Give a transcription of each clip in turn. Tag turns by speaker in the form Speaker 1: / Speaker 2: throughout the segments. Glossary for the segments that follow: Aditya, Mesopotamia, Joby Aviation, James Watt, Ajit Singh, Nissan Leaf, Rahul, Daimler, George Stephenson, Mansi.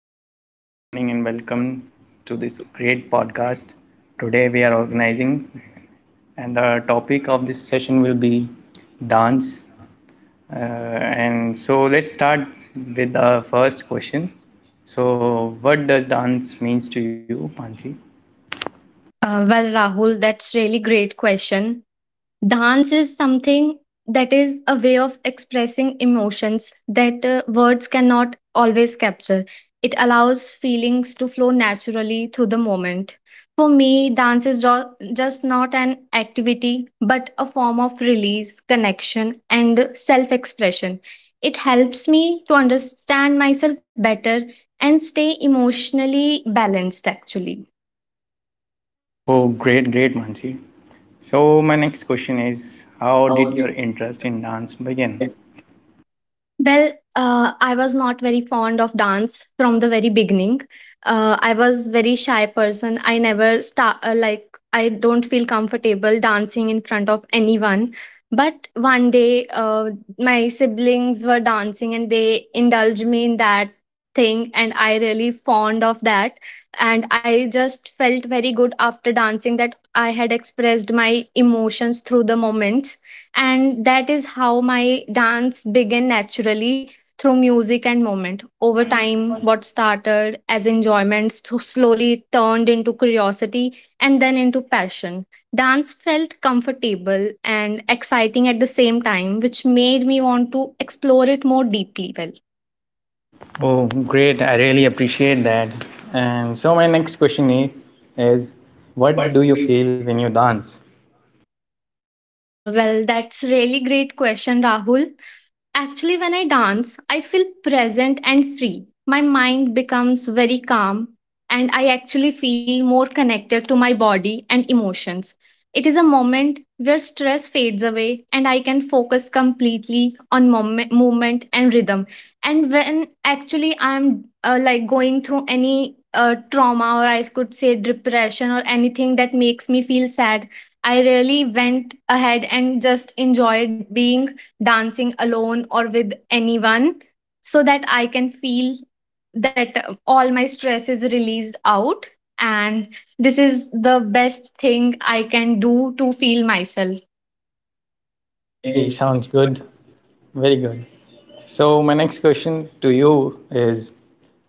Speaker 1: A very warm good morning and welcome to this great podcast. Today we are organizing, and the topic of this session will be dance. And so let's start with the first question. So, what does dance means to you, Mansi?
Speaker 2: Well, Rahul, that's really great question. Dance is something that is a way of expressing emotions that words cannot always capture. It allows feelings to flow naturally through the moment. For me, dance is just not an activity, but a form of release, connection, and self expression. It helps me to understand myself better and stay emotionally balanced, actually.
Speaker 1: Oh, great, great, Mansi. So, my next question is, how did your interest in dance begin?
Speaker 2: Well, I was not very fond of dance from the very beginning. I was very shy person. I never start like I don't feel comfortable dancing in front of anyone. But one day, my siblings were dancing and they indulged me in that thing, and I really fond of that. And I just felt very good after dancing that I had expressed my emotions through the moments and that is how my dance began naturally through music and moment over time what started as enjoyment slowly turned into curiosity and then into passion. Dance felt comfortable and exciting at the same time which made me want to explore it more deeply. well
Speaker 1: Oh, great. I really appreciate that. And so my next question is, is what do you feel when you dance?
Speaker 2: uh, well that's really great question, Rahul. Actually, when I dance, I feel present and free. My mind becomes very calm, and I actually feel more connected to my body and emotions. It is a moment where stress fades away, and I can focus completely on moment, movement and rhythm. And when actually I'm like going through any trauma or I could say depression or anything that makes me feel sad, I really went ahead and just enjoyed being dancing alone or with anyone so that I can feel that all my stress is released out. And this is the best thing I can do to feel myself.
Speaker 1: Okay, sounds good. Very good. So my next question to you is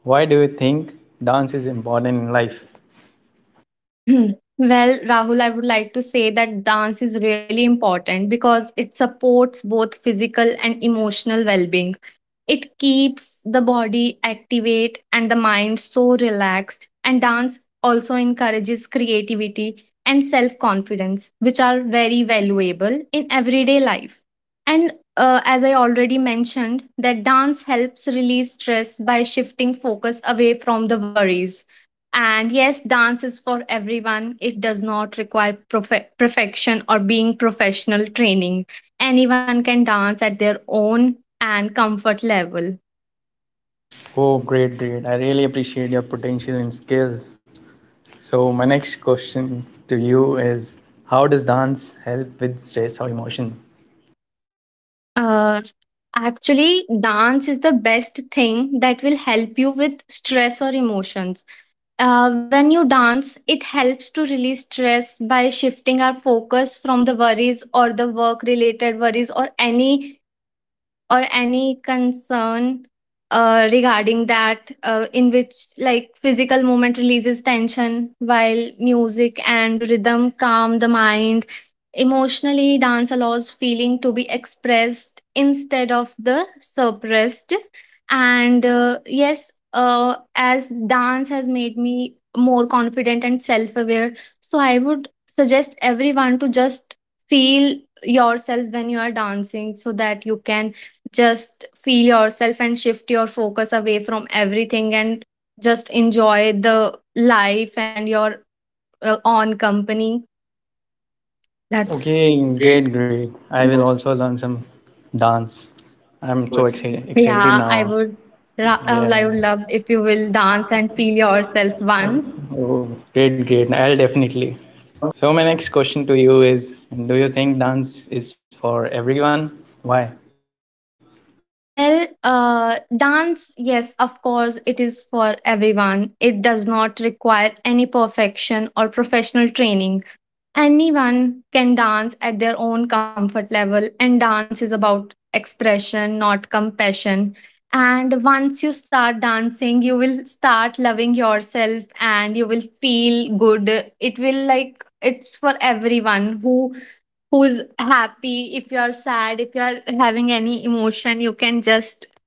Speaker 1: why do you think dance is important in life?
Speaker 2: Well, Rahul, I would like to say that dance is really important because it supports both physical and emotional well being. It keeps the body activate and the mind so relaxed. And dance also encourages creativity and self confidence, which are very valuable in everyday life. And as I already mentioned, that dance helps release stress by shifting focus away from the worries. And yes, dance is for everyone. It does not require perfection or being professional training. Anyone can dance at their own and comfort level.
Speaker 1: Oh, great, great. I really appreciate your potential and skills. So my next question to you is how does dance help with stress or emotion?
Speaker 2: Uh, actually, dance is the best thing that will help you with stress or emotions. When you dance, it helps to release stress by shifting our focus from the worries or the work related worries or any concern regarding that in which like physical movement releases tension while music and rhythm calm the mind. Emotionally dance allows feeling to be expressed instead of the suppressed. And yes, as dance has made me more confident and self aware, so I would suggest everyone to just feel yourself when you are dancing so that you can just feel yourself and shift your focus away from everything and just enjoy the life and your own company. That's,
Speaker 1: Okay, great, great. I will also learn some dance. I'm so excited
Speaker 2: yeah, I
Speaker 1: now.
Speaker 2: would I would
Speaker 1: Yeah.
Speaker 2: love if you will dance and feel yourself once.
Speaker 1: Oh, great, great. I'll definitely. So my next question to you is, do you think dance is for everyone? Why?
Speaker 2: Well, dance, yes, of course it is for everyone. It does not require any perfection or professional training. Anyone can dance at their own comfort level, and dance is about expression, not compassion. And once you start dancing, you will start loving yourself and you will feel good. It will like it's for everyone who who's happy. If you are sad, if you are having any emotion, you can just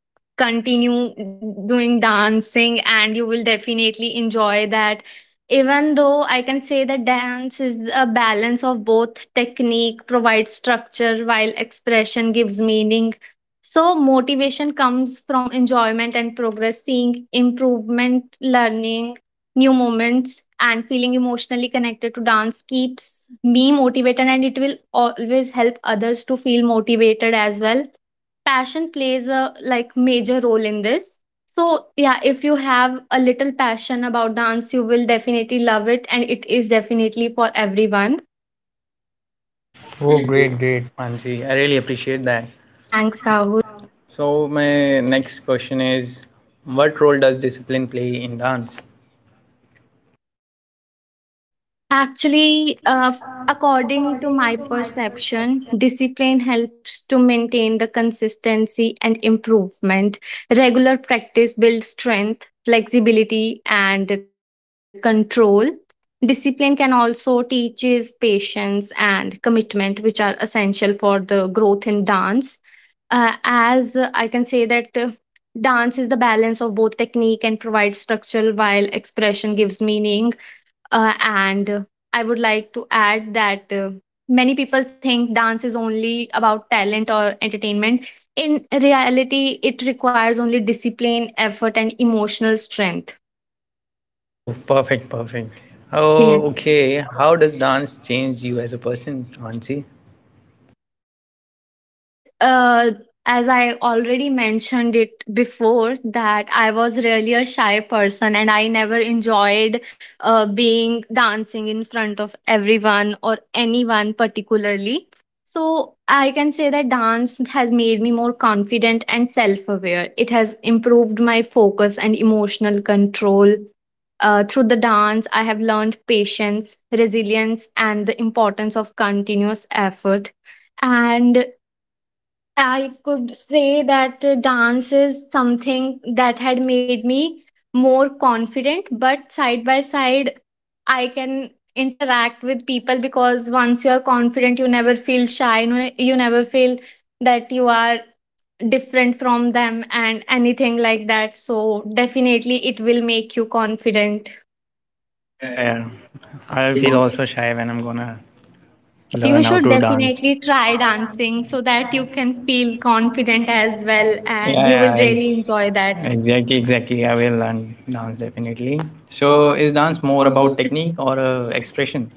Speaker 2: continue doing dancing and you will definitely enjoy that. Even though I can say that dance is a balance of both, technique provides structure while expression gives meaning. So motivation comes from enjoyment and progress, seeing improvement, learning new moments and feeling emotionally connected to dance keeps me motivated, and it will always help others to feel motivated as well. Passion plays a like major role in this. So yeah, if you have a little passion about dance, you will definitely love it, and it is definitely for everyone.
Speaker 1: Oh, great, great, Mansi. I really appreciate that.
Speaker 2: Thanks, Rahul.
Speaker 1: So my next question is, what role does discipline play in dance?
Speaker 2: Actually, according to my perception, discipline helps to maintain the consistency and improvement. Regular practice builds strength, flexibility, and control. Discipline can also teaches patience and commitment, which are essential for the growth in dance. As I can say that dance is the balance of both technique and provides structure, while expression gives meaning. And I would like to add that many people think dance is only about talent or entertainment. In reality, it requires only discipline, effort, and emotional strength.
Speaker 1: Oh, perfect, perfect. Oh,
Speaker 2: Yes.
Speaker 1: okay. How does dance change you as a person, Ansi?
Speaker 2: Well, as I already mentioned it before, that I was really a shy person and I never enjoyed being dancing in front of everyone or anyone particularly. So I can say that dance has made me more confident and self aware. It has improved my focus and emotional control. Through the dance, I have learned patience, resilience, and the importance of continuous effort. And I could say that dance is something that had made me more confident, but side by side, I can interact with people because once you're confident, you never feel shy, you never feel that you are different from them and anything like that. So, definitely, it will make you confident.
Speaker 1: Oh, yeah, yeah. I feel also shy when I'm gonna learn how
Speaker 2: You
Speaker 1: to
Speaker 2: should
Speaker 1: dance.
Speaker 2: definitely try
Speaker 1: Yeah,
Speaker 2: dancing so that you can feel confident as well, and you
Speaker 1: yeah,
Speaker 2: will really enjoy
Speaker 1: ex-
Speaker 2: that.
Speaker 1: exactly, exactly. I will learn dance definitely. So, is dance more about technique or expression?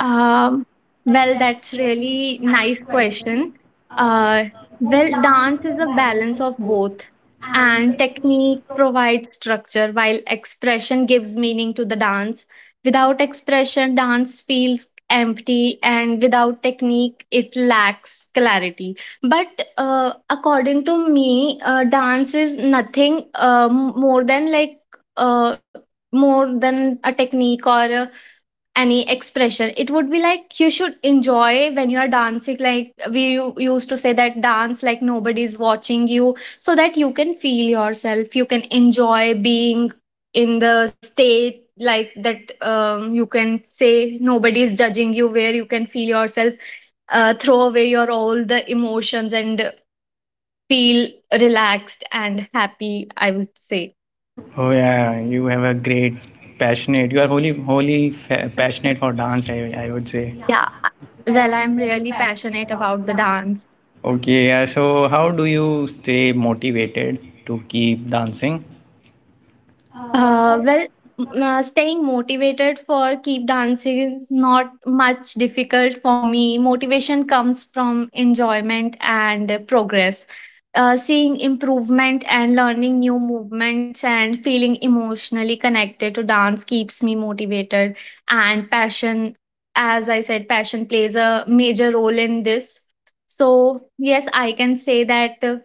Speaker 2: Um, well, that's really nice question. Uh, well, dance is a balance of both, and technique provides structure while expression gives meaning to the dance. Without expression, dance feels empty, and without technique, it lacks clarity. But according to me, dance is nothing more than like uh, more than a technique or a any expression. It would be like you should enjoy when you are dancing, like we used to say that dance like nobody's watching you so that you can feel yourself, you can enjoy being in the state like that. You can say nobody is judging you where you can feel yourself, throw away your all the emotions and feel relaxed and happy, I would say.
Speaker 1: Oh yeah, you have a great passionate. You are wholly passionate for dance. I would say.
Speaker 2: Yeah. Well, I'm really passionate about the dance.
Speaker 1: Okay, yeah. So how do you stay motivated to keep dancing?
Speaker 2: Uh, well, staying motivated for keep dancing is not much difficult for me. Motivation comes from enjoyment and progress. Seeing improvement and learning new movements and feeling emotionally connected to dance keeps me motivated. And passion, as I said, passion plays a major role in this. So, yes, I can say that. uh,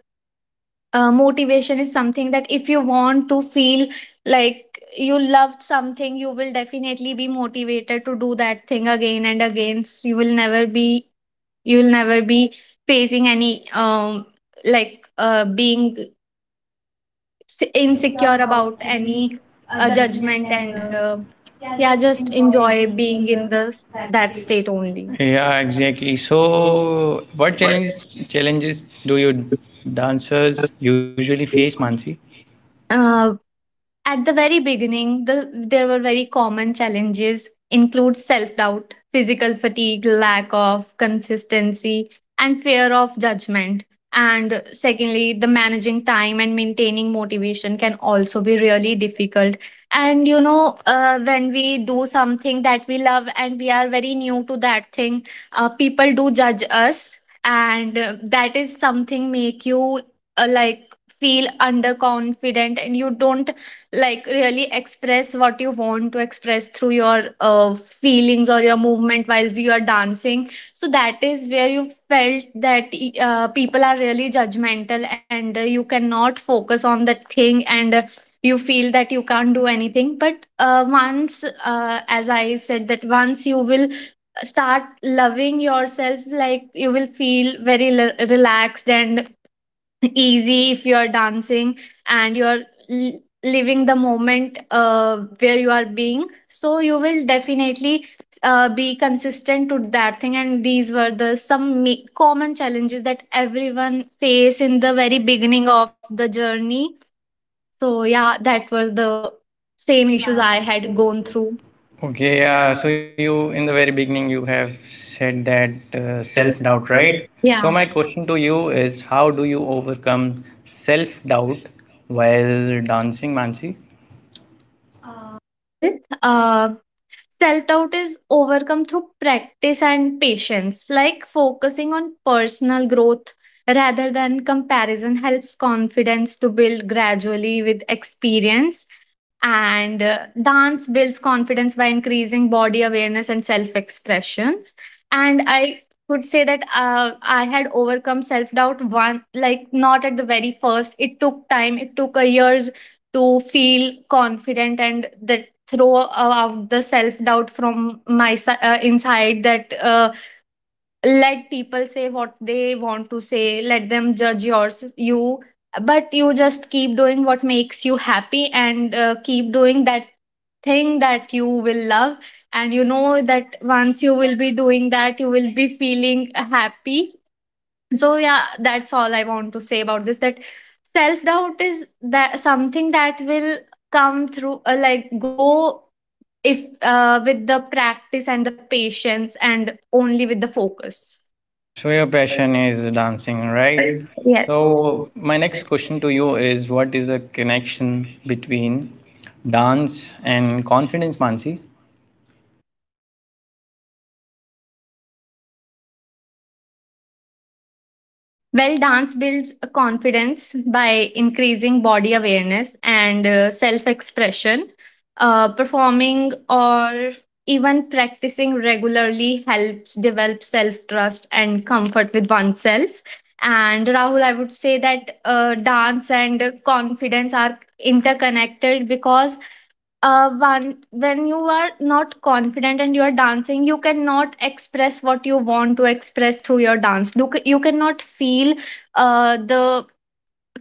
Speaker 2: uh, Motivation is something that if you want to feel like you loved something, you will definitely be motivated to do that thing again and again, so you will never be, you will never be facing any like being insecure about any judgment. And yeah, just enjoy being in the that state only.
Speaker 1: Yeah, exactly. So what challenges do you dancers usually face, Mansi?
Speaker 2: Uh, At the very beginning, there were very common challenges include self-doubt, physical fatigue, lack of consistency, and fear of judgment. And secondly, the managing time and maintaining motivation can also be really difficult. And you know, when we do something that we love and we are very new to that thing, people do judge us, and that is something make you like feel underconfident and you don't like really express what you want to express through your feelings or your movement while you are dancing, so that is where you felt that people are really judgmental and you cannot focus on the thing. And you feel that you can't do anything. But once as I said that once you will start loving yourself, like you will feel very relaxed and easy if you are dancing and you are living the moment where you are being, so you will definitely be consistent to that thing. And these were the some common challenges that everyone face in the very beginning of the journey. So yeah, that was the same issues I had gone through.
Speaker 1: Okay, yeah. So you, in the very beginning, you have said that self-doubt, right? So
Speaker 2: Yeah.
Speaker 1: my question to you is, how do you overcome self-doubt while dancing, Mansi?
Speaker 2: uh, well uh, Self doubt is overcome through practice and patience, like focusing on personal growth rather than comparison helps confidence to build gradually with experience. And dance builds confidence by increasing body awareness and self expressions. And I could say that I had overcome self doubt one, like not at the very first. It took time, it took a year's to feel confident and throw out the self doubt from my inside that, let people say what they want to say, let them judge yours you, but you just keep doing what makes you happy and keep doing that thing that you will love. And you know that once you will be doing that, you will be feeling happy. So yeah, that's all I want to say about this, that self doubt is that something that will come through like go if, with the practice and the patience and only with the focus.
Speaker 1: So your passion is dancing, right?
Speaker 2: Yes.
Speaker 1: So my next question to you is, what is the connection between dance and confidence, Mansi?
Speaker 2: Well, dance builds a confidence by increasing body awareness and self expression. Performing or even practicing regularly helps develop self trust and comfort with oneself. And Rahul, I would say that dance and confidence are interconnected because, one, when you are not confident and you are dancing, you cannot express what you want to express through your dance. Look, you cannot feel the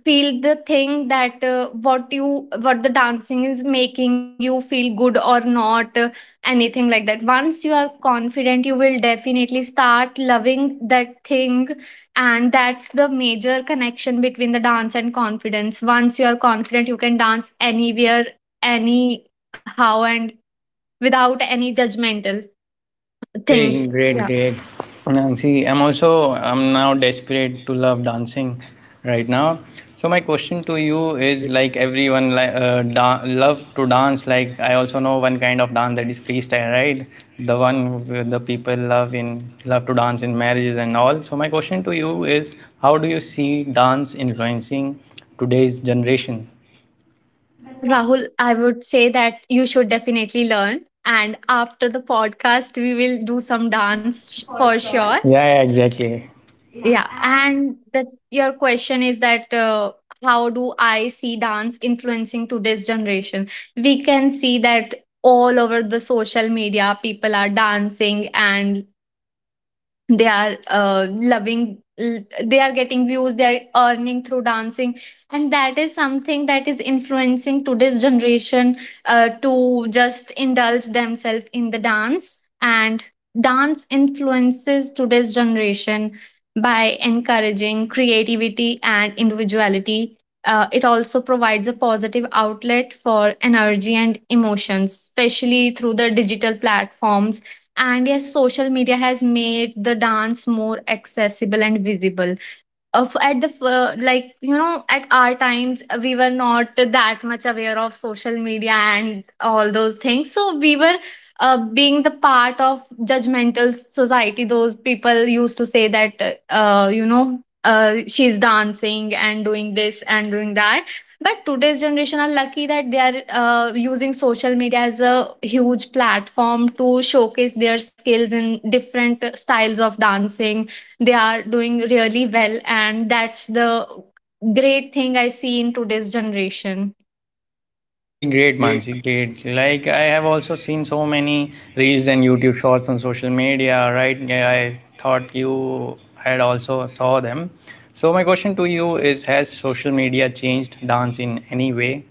Speaker 2: feel the thing that, what the dancing is making you feel good or not, anything like that. Once you are confident, you will definitely start loving that thing, and that's the major connection between the dance and confidence. Once you are confident, you can dance anywhere, any how and without any judgmental
Speaker 1: Okay,
Speaker 2: things.
Speaker 1: great,
Speaker 2: Yeah.
Speaker 1: great. Now, see, I'm now desperate to love dancing right now. So my question to you is like everyone like love to dance. Like I also know one kind of dance that is freestyle, right? The one where the people love to dance in marriages and all. So my question to you is, how do you see dance influencing today's generation?
Speaker 2: Well, Rahul, I would say that you should definitely learn. And after the podcast, we will do some for sure.
Speaker 1: Yeah, yeah, exactly.
Speaker 2: Yeah. And that your question is that, how do I see dance influencing today's generation? We can see that all over the social media, people are dancing and they are they are getting views, they are earning through dancing, and that is something that is influencing today's generation to just indulge themselves in the dance. And dance influences today's generation by encouraging creativity and individuality. It also provides a positive outlet for energy and emotions, especially through the digital platforms. And yes, social media has made the dance more accessible and visible. Of at the f- Like you know, at our times, we were not that much aware of social media and all those things, so we were being the part of judgmental society. Those people used to say that, you know, she's dancing and doing this and doing that. But today's generation are lucky that they are using social media as a huge platform to showcase their skills in different styles of dancing. They are doing really well, and that's the great thing I see in today's generation.
Speaker 1: Okay, great, Mansi, great. Like I have also seen so many reels and YouTube shorts on social media, right? Yeah, I thought you had also saw them. So my question to you is, has social media changed dance in any way?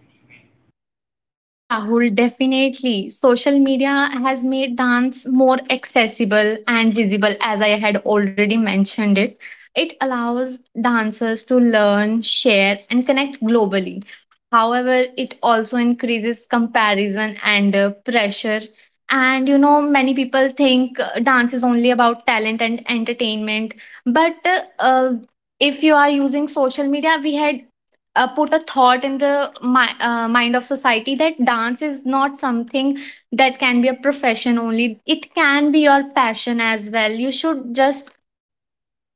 Speaker 2: Yes, Rahul, definitely. Social media has made dance more accessible and visible, as I had already mentioned it. It allows dancers to learn, share, and connect globally. However, it also increases comparison and pressure. And you know, many people think dance is only about talent and entertainment, but uh, uh, if you are using social media, we had put a thought in the mind of society that dance is not something that can be a profession only, it can be your passion as well. You should just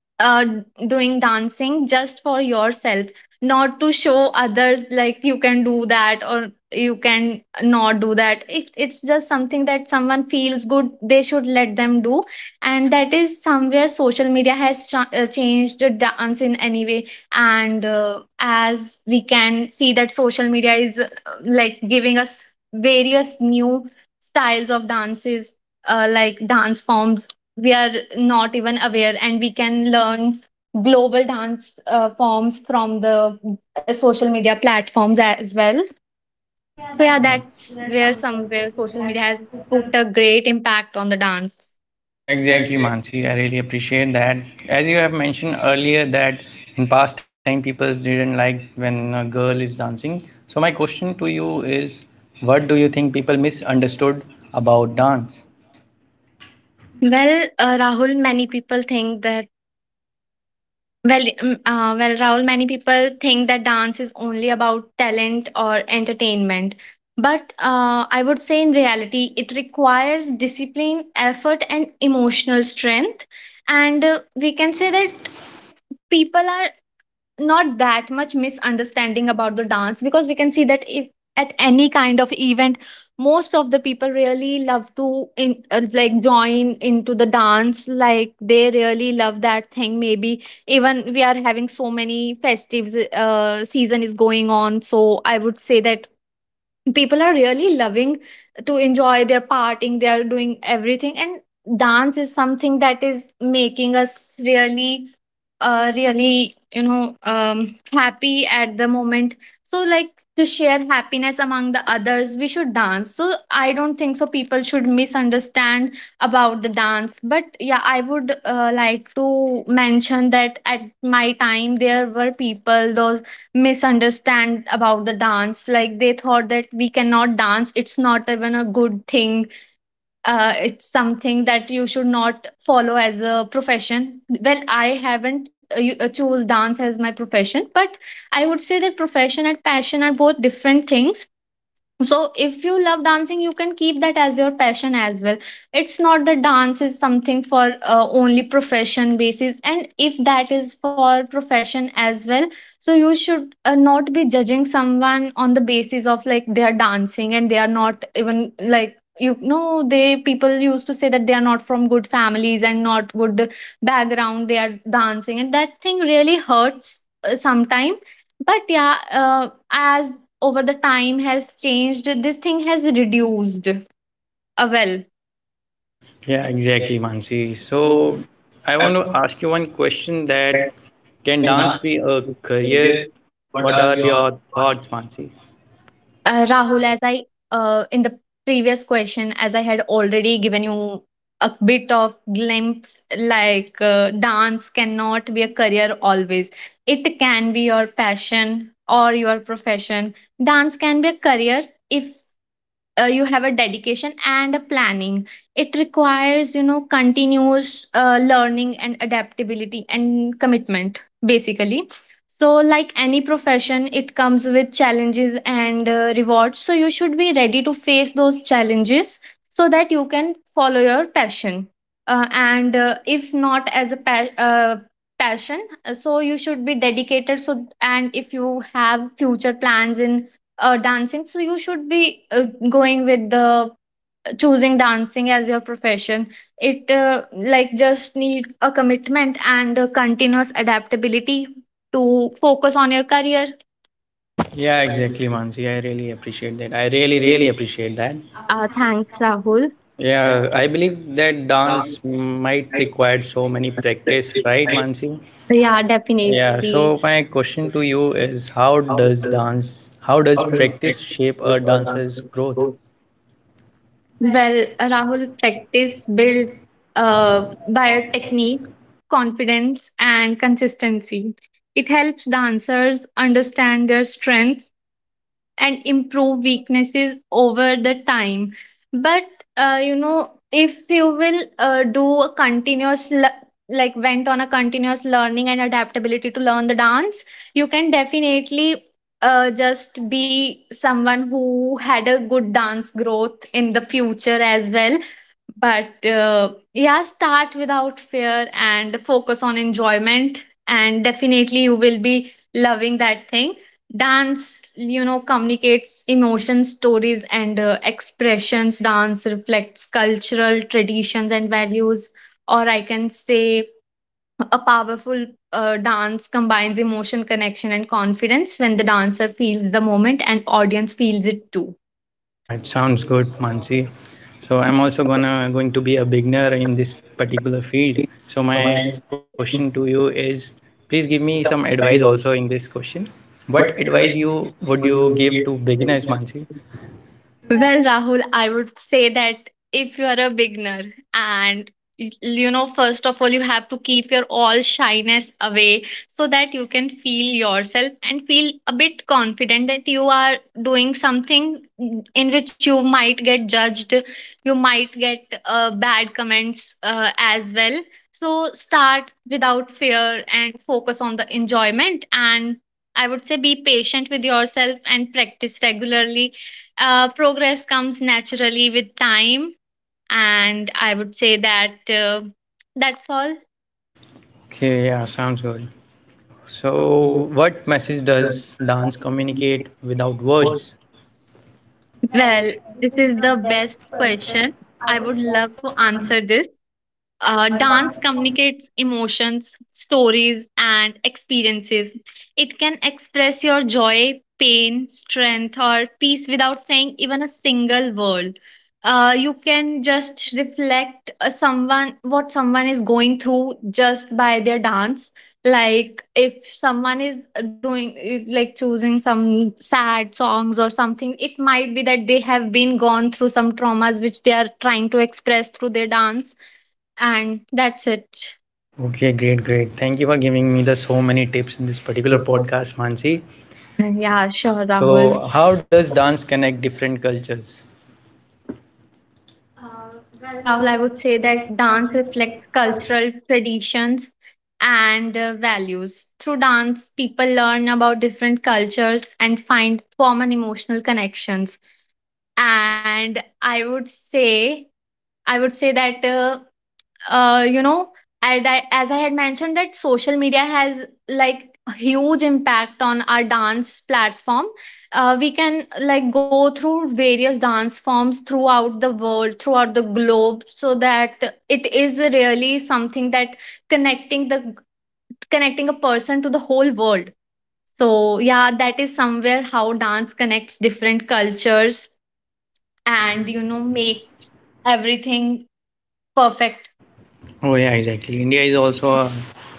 Speaker 2: uh, doing dancing just for yourself, not to show others like you can do that or you can not do that. It's just something that someone feels good, they should let them do. And that is somewhere social media has changed the dance in any way. And as we can see that social media is like giving us various new styles of dances, like dance forms we are not even aware, and we can learn global dance forms from the social media platforms as well. So yeah, that's where somewhere social media has put a great impact on the dance.
Speaker 1: Yeah, exactly, Mansi. I really appreciate that. As you have mentioned earlier, that in past time people didn't like when a girl is dancing. So my question to you is, what do you think people misunderstood about dance?
Speaker 2: well uh, rahul many people think that Well, well, Rahul, many people think that dance is only about talent or entertainment. But I would say in reality, it requires discipline, effort, and emotional strength. And we can say that people are not that much misunderstanding about the dance, because we can see that if at any kind of event, most of the people really love to like join into the dance, like they really love that thing. Maybe even we are having so many festives, season is going on. So I would say that people are really loving to enjoy their are partying, they are doing everything. And dance is something that is making us really, really you know, happy at the moment. So like to share happiness among the others, we should dance. So I don't think so people should misunderstand about the dance. But yeah, I would like to mention that at my time there were people those misunderstand about the dance, like they thought that we cannot dance, it's not even a good thing. It's something that you should not follow as a profession. Well, I haven't chose dance as my profession, but I would say that profession and passion are both different things. So, if you love dancing, you can keep that as your passion as well. It's not that dance is something for only profession basis, and if that is for profession as well, so you should not be judging someone on the basis of like they are dancing. And they are not even, like you know, they people used to say that they are not from good families and not good background, they are dancing, and that thing really hurts sometime. But yeah, as over the time has changed, this thing has reduced. Well
Speaker 1: Yeah, exactly, Mansi. So I want to ask you one question that can dance be a career? What are your thoughts, Mansi?
Speaker 2: Rahul, as I in the previous question as I had already given you a bit of glimpse, like dance cannot be a career always, it can be your passion or your profession. Dance can be a career if you have a dedication and a planning. It requires you know continuous learning and adaptability and commitment, basically. So like any profession, it comes with challenges and rewards. So you should be ready to face those challenges so that you can follow your passion. And if not as a passion, so you should be dedicated. So and if you have future plans in dancing, so you should be going with the choosing dancing as your profession. It like just need a commitment and a continuous adaptability to focus on your career.
Speaker 1: Yeah, exactly, Mansi. I really appreciate that. I really, really appreciate that.
Speaker 2: Thanks Rahul.
Speaker 1: Yeah, I believe that dance might require so many practice, right, Mansi?
Speaker 2: Yeah,
Speaker 1: Yeah,
Speaker 2: definitely.
Speaker 1: so my question to you is how does practice shape a dancer's growth?
Speaker 2: Well, Rahul, practice builds uh, by a technique, confidence and consistency. It helps dancers understand their strengths and improve weaknesses over the time. But you know, if you will do a continuous went on a continuous learning and adaptability to learn the dance, you can definitely just be someone who had a good dance growth in the future as well. But yeah, start without fear and focus on enjoyment, and definitely you will be loving that thing. Dance you know communicates emotions, stories and expressions. Dance reflects cultural traditions and values. Or I can say a powerful, dance combines emotion, connection and confidence. When the dancer feels the moment, and audience feels it too.
Speaker 1: Yeah, it sounds good, Mansi. So I'm also gonna going to be a beginner in this particular field. So my question to you is, please give me some advice also in this question. What advice you give to beginners, Mansi?
Speaker 2: Well, Rahul, I would say that if you are a beginner and you know, first of all, you have to keep your all shyness away so that you can feel yourself and feel a bit confident that you are doing something in which you might get judged, you might get bad comments as well. So, start without fear and focus on the enjoyment. And I would say be patient with yourself and practice regularly. Progress comes naturally with time. And I would say that that's all.
Speaker 1: Okay, yeah, sounds good. So what message does dance communicate without words?
Speaker 2: Well, this is the best question, I would love to answer this. Dance communicates emotions, stories, and experiences. It can express your joy, pain, strength, or peace without saying even a single word. You can just reflect someone what someone is going through just by their dance. Like if someone is doing like choosing some sad songs or something, it might be that they have been gone through some traumas which they are trying to express through their dance. And that's it.
Speaker 1: Okay, great, great. Thank you for giving me the so many tips in this particular podcast, Mansi.
Speaker 2: Yeah, sure,
Speaker 1: So
Speaker 2: Rahul.
Speaker 1: how does dance connect different cultures?
Speaker 2: Well, Rahul, I would say that dance reflects cultural traditions and values. Through dance, people learn about different cultures and find common emotional connections. And I would say that, you know, and I, as I had mentioned that social media has like a huge impact on our dance platform. We can like go through various dance forms throughout the world, throughout the globe, so that it is really something that connecting the connecting a person to the whole world. So yeah, that is somewhere how dance connects different cultures. And you know, makes everything perfect.
Speaker 1: Oh yeah, exactly. India is also a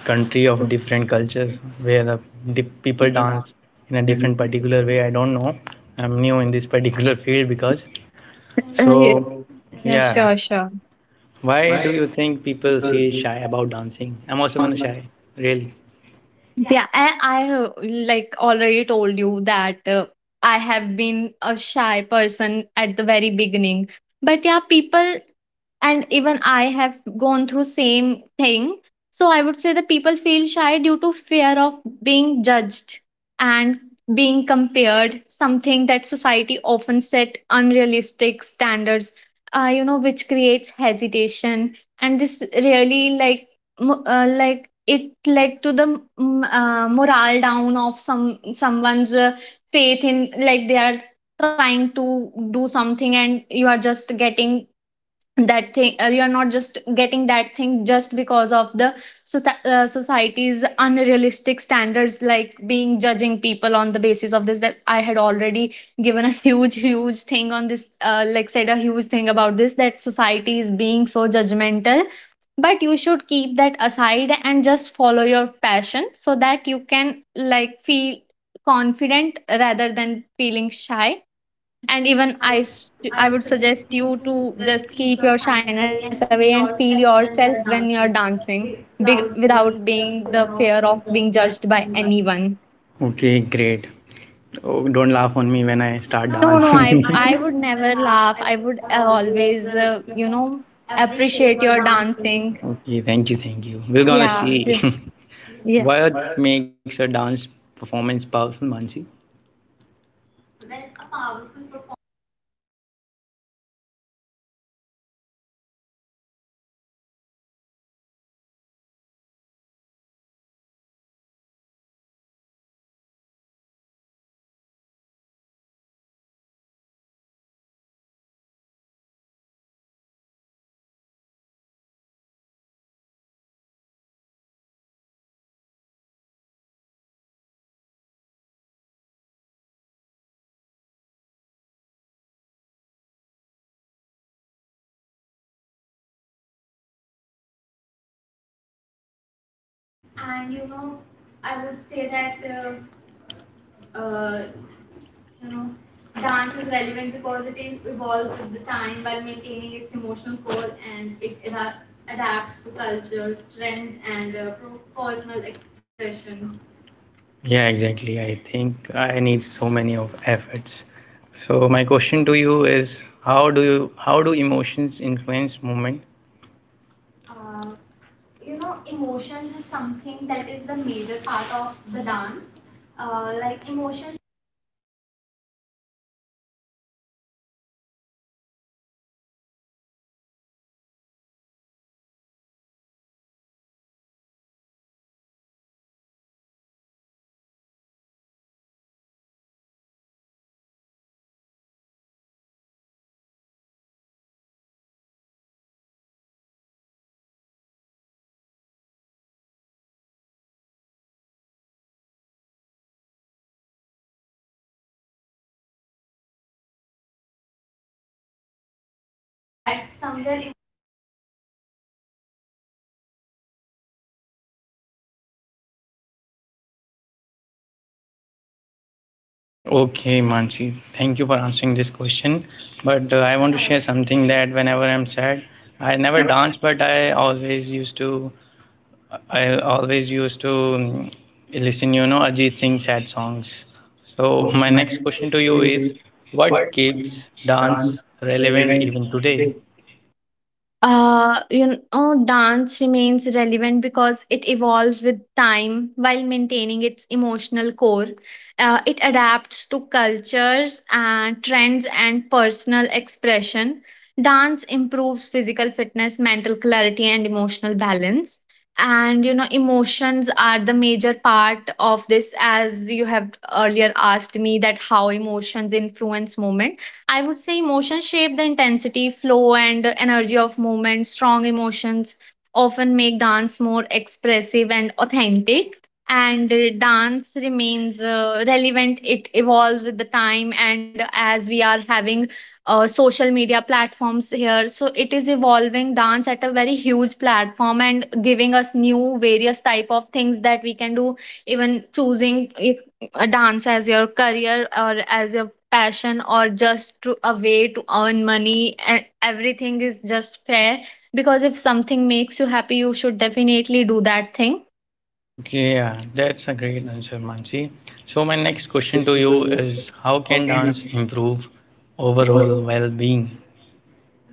Speaker 1: country of different cultures where the people dance in a different particular way. I don't know. I'm new in this particular field because
Speaker 2: Yeah.
Speaker 1: so
Speaker 2: Yeah,
Speaker 1: yeah.
Speaker 2: sure, sure.
Speaker 1: Why do you think people feel shy about dancing? I'm also gonna shy. Really?
Speaker 2: Yeah, I like already told you that I have been a shy person at the very beginning. But yeah, people, and even I have gone through same thing. So I would say that people feel shy due to fear of being judged and being compared, something that society often set unrealistic standards, you know, which creates hesitation. And this really, like, like, it led to the morale down of someone's faith in, like, they are trying to do something and you are just getting that thing, you are not just getting that thing just because of the society's unrealistic standards, like being judging people on the basis of this, that I had already given a huge thing on this, like, said a huge thing about this, that society is being so judgmental. But you should keep that aside and just follow your passion so that you can, like, feel confident rather than feeling shy. And even I would suggest you to just keep your shyness away and feel yourself when you're dancing, without being the fear of being judged by anyone.
Speaker 1: Okay, great. Oh, don't laugh on me when I start
Speaker 2: No, no, i
Speaker 1: dancing.
Speaker 2: i would never laugh. I would always, uh, appreciate your dancing.
Speaker 1: Okay, thank you, thank you. We're gonna
Speaker 2: Yeah,
Speaker 1: see.
Speaker 2: yeah.
Speaker 1: What makes a dance performance powerful, Mansi? Yeah, exactly. I think I need so many of efforts. So my question to you is how do emotions influence movement? Okay, Mansi, thank you for answering this question. But I want to share something that whenever I'm sad, I never dance, but I always used to listen, you know, Ajit Singh sad songs. So my next question to you is, what keeps dance relevant even today?
Speaker 2: Dance remains relevant because it evolves with time while maintaining its emotional core. It adapts to cultures and trends and personal expression. Dance improves physical fitness, mental clarity, and emotional balance. And you know, emotions are the major part of this. As you have earlier asked me that how emotions influence movement, I would say emotions shape the intensity, flow, and energy of movement. Strong emotions often make dance more expressive and authentic. And dance remains relevant, it evolves with the time. And as we are having social media platforms here, so it is evolving dance at a very huge platform and giving us new various type of things that we can do, even choosing a dance as your career or as your passion or just to a way to earn money, and everything is just fair because if something makes you happy, you should definitely do that thing.
Speaker 1: Okay, yeah, that's a great answer, Mansi. So my next question to you is, how can dance improve overall well-being?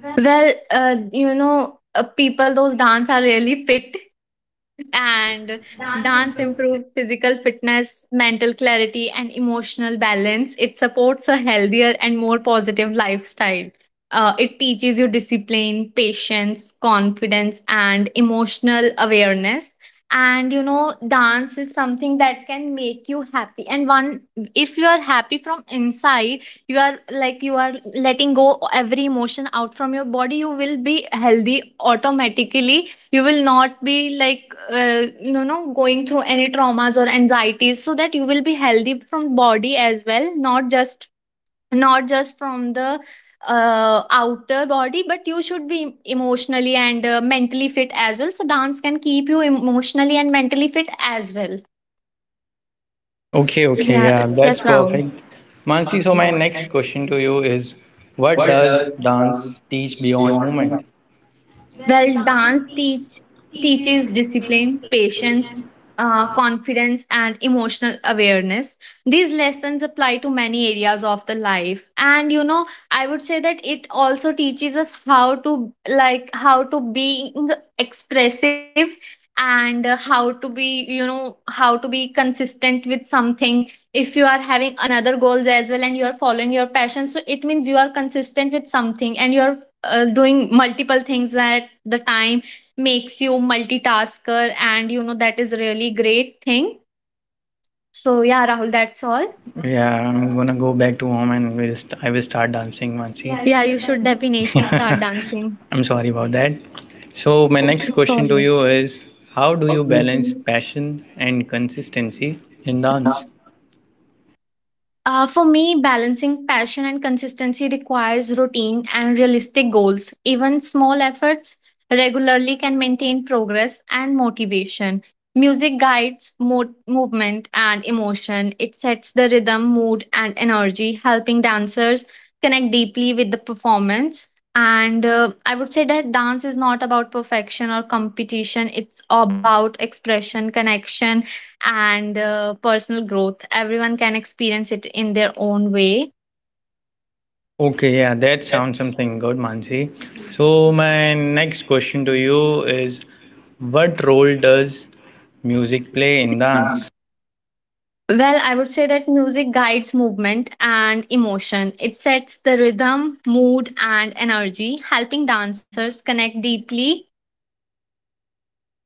Speaker 2: Well, people those dance are really fit. And dance improves physical fitness, mental clarity, and emotional balance. It supports a healthier and more positive lifestyle. It teaches you discipline, patience, confidence, and emotional awareness. And you know, dance is something that can make you happy. And one, if you are happy from inside, you are, like, you are letting go every emotion out from your body, you will be healthy automatically. You will not be like, going through any traumas or anxieties, so that you will be healthy from body as well, not just from the outer body. But you should be emotionally and mentally fit as well, so dance can keep you emotionally and mentally fit as well.
Speaker 1: Okay, okay,
Speaker 2: Yeah.
Speaker 1: yeah,
Speaker 2: Yes,
Speaker 1: that's
Speaker 2: Rao.
Speaker 1: perfect. Mansi, so my next question to you is, what does dance teach beyond movement?
Speaker 2: Well, teaches discipline, patience, confidence, and emotional awareness. These lessons apply to many areas of the life. And you know, I would say that it also teaches us how to, like how to being expressive and, how to, be you know, how to be consistent with something. If you are having another goals as well and you are following your passion, so it means you are consistent with something and you are doing multiple things at the time, makes you multitasker, and you know, that is really great thing. So yeah, Rahul, that's all.
Speaker 1: Yeah, I'm gonna go back to home and I will start dancing, Mansi.
Speaker 2: Yeah, you should
Speaker 1: Yeah,
Speaker 2: definitely start
Speaker 1: definitely.
Speaker 2: dancing.
Speaker 1: I'm sorry about that. So, my next
Speaker 2: Okay.
Speaker 1: question to
Speaker 2: Sorry.
Speaker 1: you is how do you balance passion and consistency in dance?
Speaker 2: For me, balancing passion and consistency requires routine and realistic goals. Even small efforts regularly can maintain progress and motivation. Music guides movement and emotion. It sets the rhythm, mood, and energy, helping dancers connect deeply with the performance. And I would say that dance is not about perfection or competition, it's about expression, connection, and, personal growth. Everyone can experience it in their own way.
Speaker 1: Okay, yeah, that sounds something good, Mansi. So, my next question to you is what role does music play in dance?
Speaker 2: Well, I would say that music guides movement and emotion. It sets the rhythm, mood, and energy, helping dancers connect deeply,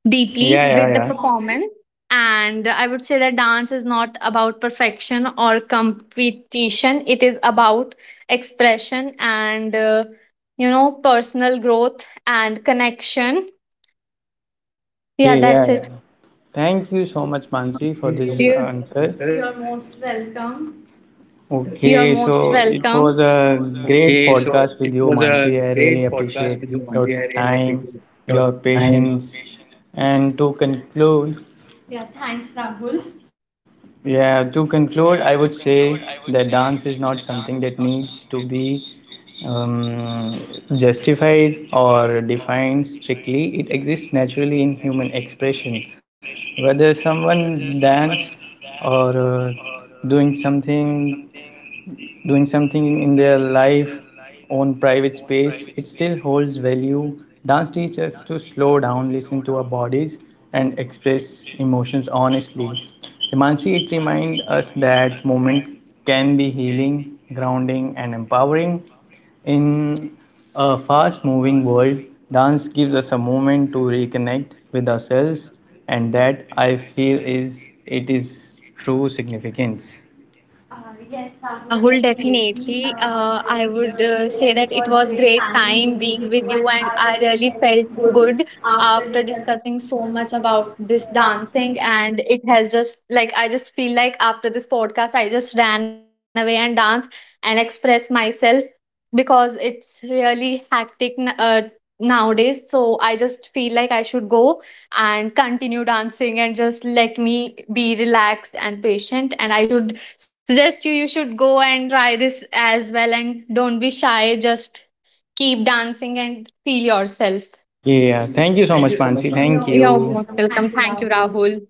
Speaker 2: deeply
Speaker 1: Yeah,
Speaker 2: Yeah.
Speaker 1: yeah,
Speaker 2: with the
Speaker 1: yeah.
Speaker 2: performance. And I would say that dance is not about perfection or competition. It is about expression and, you know, personal growth and connection. Yeah,
Speaker 1: Okay,
Speaker 2: that's
Speaker 1: yeah,
Speaker 2: it.
Speaker 1: yeah. Thank you so much, Mansi, for this
Speaker 2: You,
Speaker 1: answer.
Speaker 2: you are most welcome.
Speaker 1: Okay, so it was a great podcast with you, Mansi. I really appreciate your time, your patience. And to conclude,
Speaker 2: Yeah, thanks, Rahul.
Speaker 1: yeah, to conclude, I would say that dance is not something that needs to be um, justified or defined strictly. It exists naturally in human expression. Whether someone dance or doing something doing something in their life on private space, it still holds value. Dance teaches us to slow down, listen to our bodies, and express emotions honestly, Himanshi. It reminds us that movement can be healing, grounding, and empowering. In a fast moving world, dance gives us a moment to reconnect with ourselves, and that I feel is, it is true significance.
Speaker 2: Yes, Rahul, definitely. I would, say that it was great time being with you, and I really felt good after discussing so much about this dancing. And it has just, like, I just feel like after this podcast, I just ran away and danced and expressed myself because it's really hectic nowadays. So I just feel like I should go and continue dancing and just let me be relaxed and patient, and I should suggest you should go and try this as well, and don't be shy, just keep dancing and feel yourself.
Speaker 1: Yeah,
Speaker 2: Yeah.
Speaker 1: thank you so
Speaker 2: Thank
Speaker 1: much,
Speaker 2: you so much,
Speaker 1: Pansi.
Speaker 2: Pranjita.
Speaker 1: Thank
Speaker 2: You're
Speaker 1: you.
Speaker 2: most welcome. Thank you, Rahul.